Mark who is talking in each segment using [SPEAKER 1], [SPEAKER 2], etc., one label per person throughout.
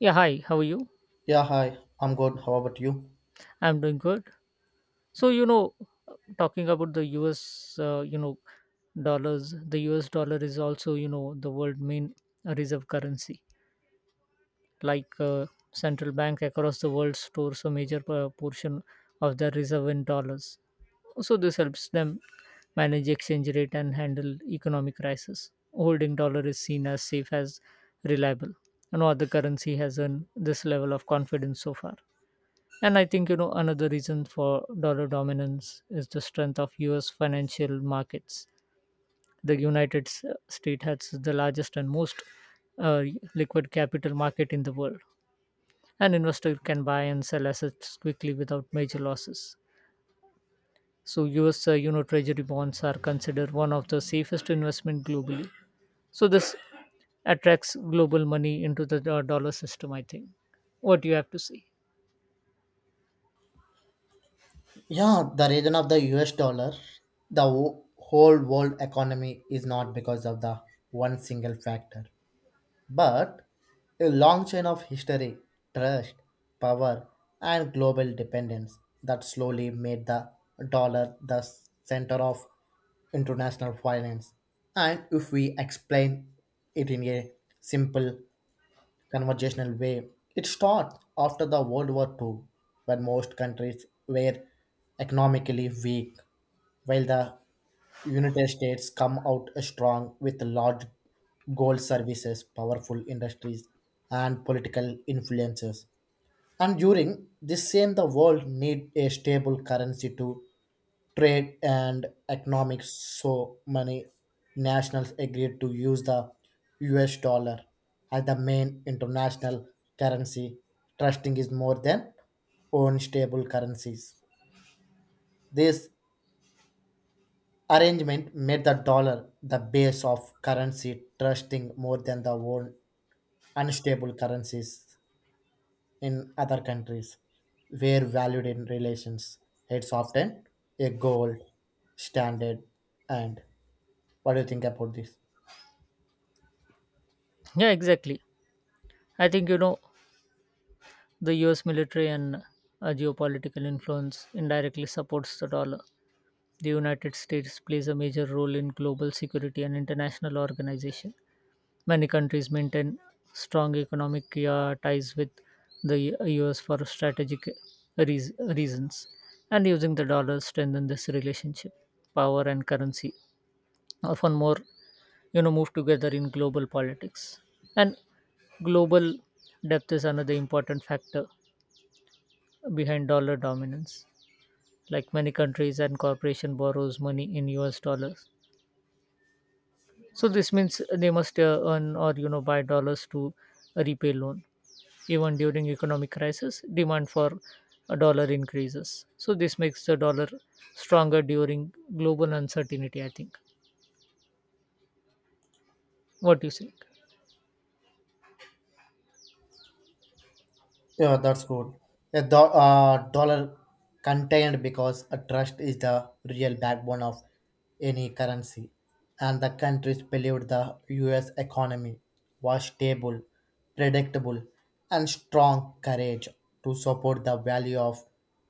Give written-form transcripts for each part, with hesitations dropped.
[SPEAKER 1] Yeah, hi. How are you?
[SPEAKER 2] Yeah, hi. I'm good. How about you?
[SPEAKER 1] I'm doing good. So, you know, talking about the US, dollars, the US dollar is also, the world main reserve currency. Like uh, central bank across the world stores a major portion of their reserve in dollars. So this helps them manage exchange rate and handle economic crisis. Holding dollar is seen as safe as reliable. No other currency has earned this level of confidence so far. And I think, another reason for dollar dominance is the strength of US financial markets. The States has the largest and most uh, liquid capital market in the world. An investor can buy and sell assets quickly without major losses. So US treasury bonds are considered one of the safest investment globally. So this attracts global money into the dollar system, I think. What do you have to say?
[SPEAKER 2] Yeah, the reason of the US dollar, the whole world economy is not because of the one single factor, but a long chain of history, trust, power, and global dependence that slowly made the dollar the center of international finance. And if we explain it in a simple conversational way. It starts after the World War Two, when most countries were economically weak, while the United States come out strong with large gold services, powerful industries, and political influences. And during this same, the world need a stable currency to trade and economics, so many nationals agreed to use the US dollar as the main international currency, trusting is more than own stable currencies. This arrangement made the dollar the base of currency, trusting more than the own unstable currencies in other countries. Were valued in relations it's often a gold standard. And what do you think about this?
[SPEAKER 1] Yeah, exactly. I think. The US military and geopolitical influence indirectly supports the dollar. The United States plays a major role in global security and international organization. Many countries maintain strong economic ties with the US for strategic reasons, and using the dollar strengthen this relationship. Power and currency often more move together in global politics, and global depth is another important factor behind dollar dominance. Like many countries and corporation borrows money in US dollars. So this means they must earn or buy dollars to repay loan. Even during economic crisis, demand for a dollar increases. So this makes the dollar stronger during global uncertainty, I think. What do you think?
[SPEAKER 2] Yeah, that's good. A dollar contained because a trust is the real backbone of any currency, and the countries believed the U.S. economy was stable, predictable, and strong courage to support the value of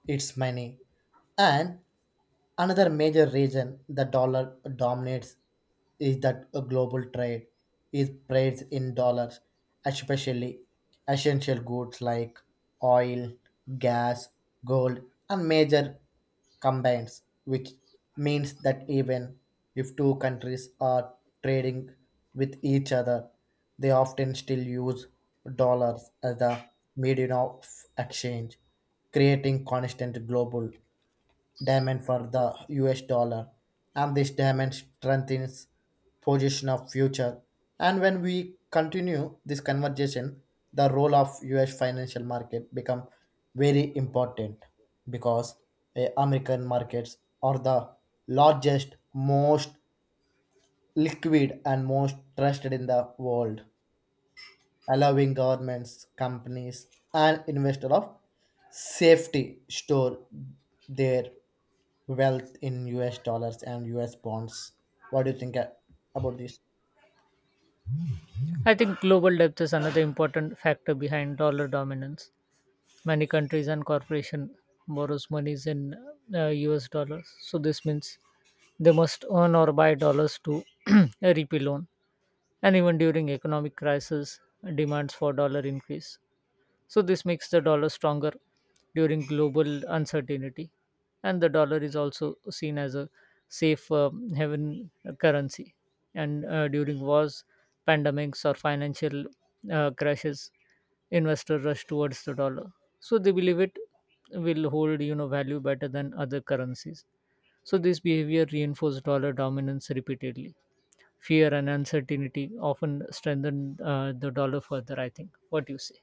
[SPEAKER 2] its money. And another major reason the dollar dominates is that a global trade is priced in dollars, especially essential goods like oil, gas, gold, and major combines, which means that even if two countries are trading with each other, they often still use dollars as the medium of exchange, creating constant global diamond for the US dollar, and this diamond strengthens position of future. And when we continue this conversation, the role of US financial market become very important, because American markets are the largest, most liquid, and most trusted in the world, allowing governments, companies, and investors of safety store their wealth in US dollars and US bonds. What do you think about this?
[SPEAKER 1] I think global depth is another important factor behind dollar dominance. Many countries and corporation borrows monies in US dollars. So this means they must earn or buy dollars to repay loan. And even during economic crisis, demands for dollar increase. So this makes the dollar stronger during global uncertainty, and the dollar is also seen as a safe haven currency. And during wars, pandemics, or financial crashes, investors rush towards the dollar. So they believe it will hold value better than other currencies. So this behavior reinforced dollar dominance repeatedly. Fear and uncertainty often strengthen the dollar further, I think. What do you say?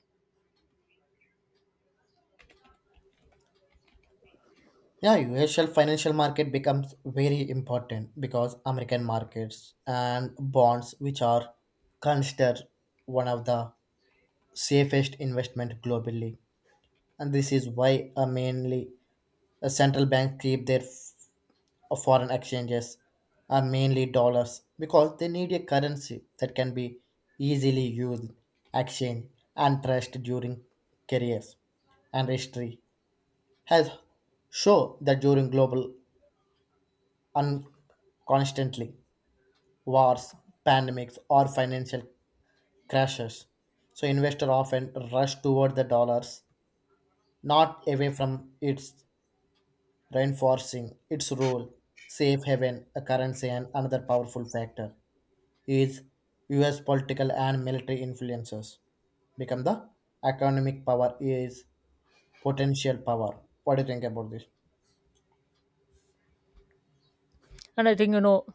[SPEAKER 2] Yeah, US financial market becomes very important because American markets and bonds, which are considered one of the safest investment globally, and this is why mainly central banks keep their of foreign exchanges are mainly dollars because they need a currency that can be easily used, exchanged, and trusted during careers. And history has shown that during global un- constantly wars, pandemics, or financial crashes, so investors often rush toward the dollars, not away from its reinforcing its role, safe haven, a currency, and another powerful factor. Is US political and military influences become the economic power is potential power. What do you think about this?
[SPEAKER 1] And I think,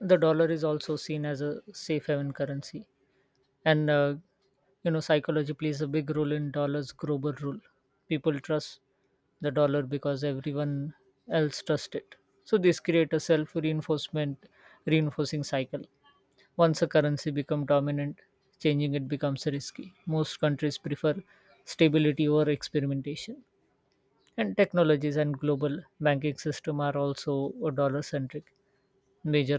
[SPEAKER 1] the dollar is also seen as a safe haven currency. And, uh, Psychology plays a big role in dollar's global rule. People trust the dollar because everyone else trusts it. So this creates a reinforcing cycle. Once a currency becomes dominant, changing it becomes risky. Most countries prefer stability over experimentation. And technologies and global banking system are also dollar centric. Major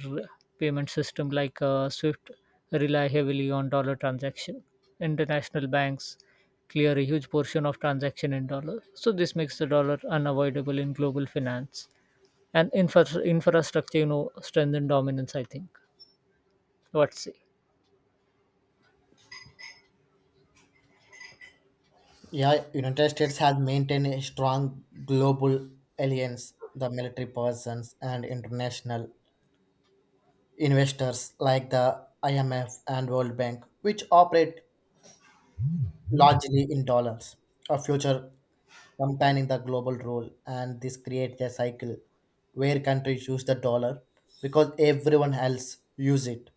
[SPEAKER 1] payment system like Swift rely heavily on dollar transaction. International banks clear a huge portion of transaction in dollar. So this makes the dollar unavoidable in global finance and infrastructure, strengthen dominance, I think. Let's see.
[SPEAKER 2] Yeah, United States has maintained a strong global alliance, the military persons and international investors like the IMF and World Bank, which operate largely in dollars, a future companion the global role, and this creates a cycle where countries use the dollar because everyone else use it,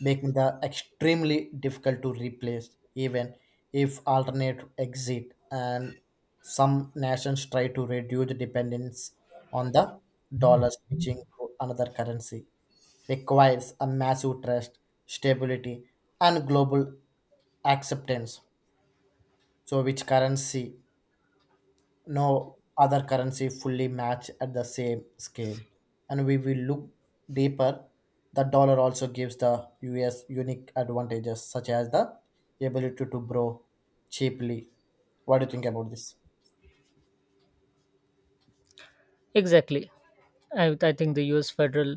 [SPEAKER 2] making the extremely difficult to replace, even if alternate exit. And some nations try to reduce the dependence on the dollar, switching to another currency requires a massive trust, stability, and global acceptance. So which currency? No other currency fully match at the same scale. And we will look deeper. The dollar also gives the US unique advantages such as the ability to grow cheaply. What do you think about this?
[SPEAKER 1] Exactly. I think the U.S. Federal,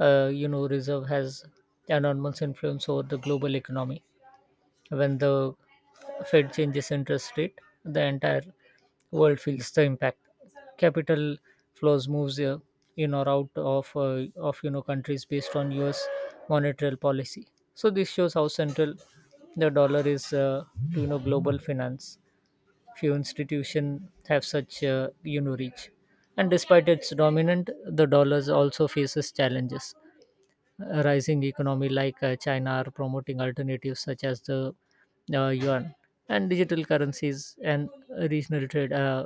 [SPEAKER 1] Reserve has enormous influence over the global economy. When the Fed changes interest rate, the entire world feels the impact. Capital flows moves in or out of countries based on U.S. monetary policy. So this shows how central the dollar is to global finance. Few institutions have such reach, and despite its dominant, the dollars also faces challenges rising economy like China are promoting alternatives such as the yuan and digital currencies and regional trade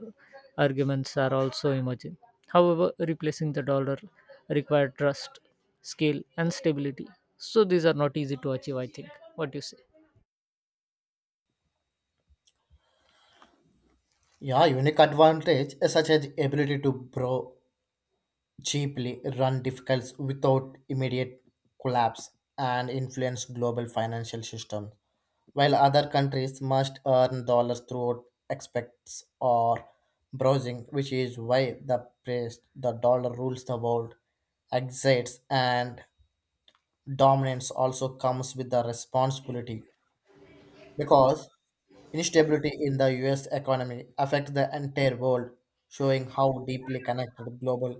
[SPEAKER 1] arguments are also emerging. However, replacing the dollar require trust, scale, and stability. So these are not easy to achieve, I think. What do you say?
[SPEAKER 2] Yeah, unique advantage is such as ability to grow cheaply, run difficult without immediate collapse, and influence global financial system, while other countries must earn dollars through exports or browsing, which is why the price, the dollar rules the world, exits and dominance also comes with the responsibility because instability in the US economy affects the entire world, showing how deeply connected global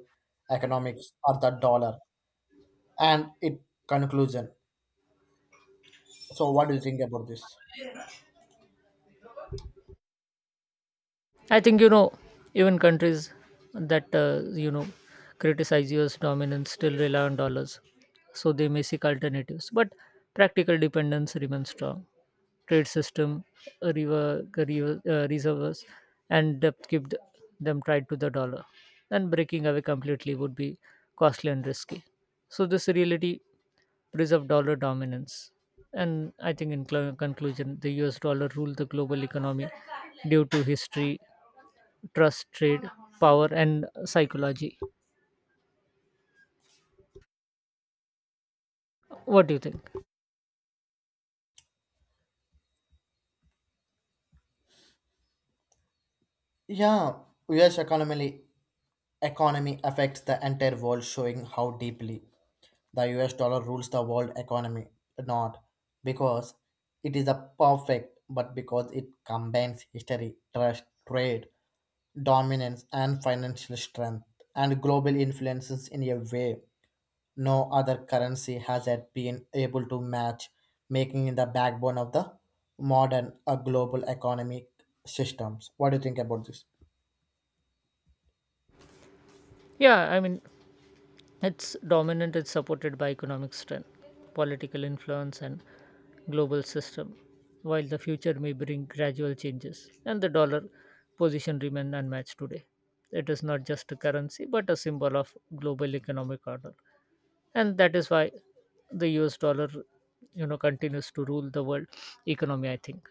[SPEAKER 2] economics are the dollar. And it conclusion. So what do you think about this?
[SPEAKER 1] I think even countries that criticize US dominance still rely on dollars, so they may seek alternatives. But practical dependence remains strong. Trade system, river, river reserves, and depth keep them tied to the dollar. And breaking away completely would be costly and risky. So this reality preserve dollar dominance. And I think, in conclusion, the US dollar ruled the global economy due to history, trust, trade, power, and psychology. What do you think?
[SPEAKER 2] Yeah, US economy affects the entire world, showing how deeply the US dollar rules the world economy. Not because it is a perfect, but because it combines history, trust, trade, dominance, and financial strength and global influences in a way no other currency has yet been able to match, making it the backbone of the modern global economic systems. What do you think about this?
[SPEAKER 1] Yeah. It's dominant. It's supported by economic strength, political influence, and global system. While the future may bring gradual changes, and the dollar position remain unmatched today, it is not just a currency but a symbol of global economic order. And that is why the US dollar continues to rule the world economy, I think.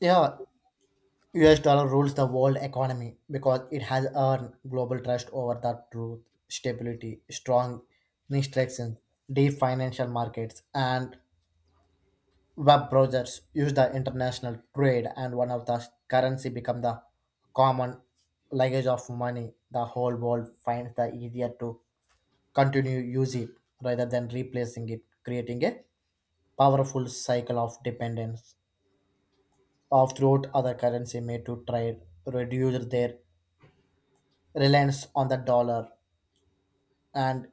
[SPEAKER 2] Yeah, US dollar rules the world economy because it has earned global trust over the truth, stability, strong instructions, deep financial markets, and web browsers use the international trade, and one of the currency become the common language of money. The whole world finds the easier to continue use it rather than replacing it, creating a powerful cycle of dependence of throughout other currency made to trade reduce their reliance on the dollar and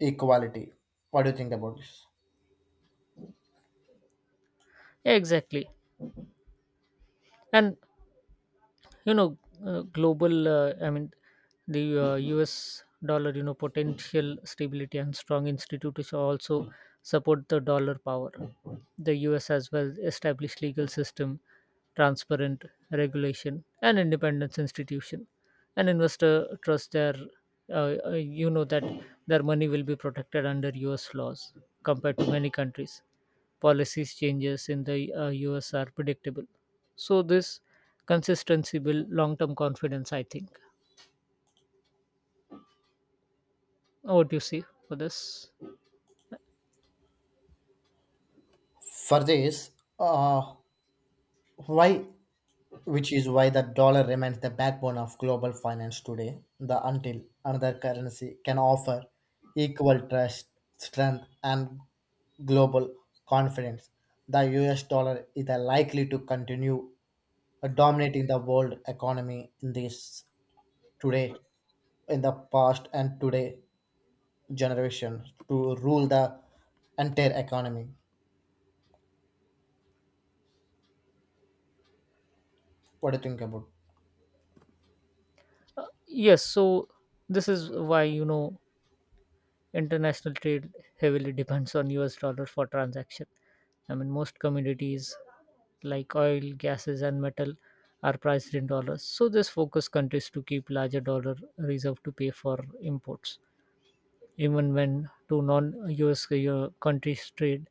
[SPEAKER 2] equality. What do you think about this?
[SPEAKER 1] Yeah, exactly. And you know global I mean the US dollar, potential stability and strong institutions also support the dollar power. The US has well established legal system, transparent regulation, and independence institution. An investor trusts their that their money will be protected under US laws. Compared to many countries, policies changes in the US are predictable. So this consistency build long-term confidence, I think. What do you see for this?
[SPEAKER 2] For this, uh, why, which is why the dollar remains the backbone of global finance today, the until another currency can offer equal trust, strength, and global confidence, the US dollar is likely to continue dominating the world economy in this today, in the past, and today generation to rule the entire economy. What do you think about?
[SPEAKER 1] Yes, so this is why international trade heavily depends on US dollar for transaction. I mean, most commodities like oil, gases, and metal are priced in dollars. So this focus countries to keep larger dollar reserve to pay for imports. Even when two non-US countries trade,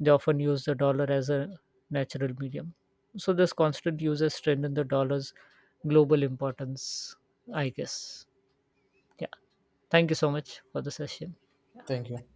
[SPEAKER 1] they often use the dollar as a natural medium. So this constant use has strengthened the dollar's global importance, I guess. Yeah. Thank you so much for the session.
[SPEAKER 2] Thank you.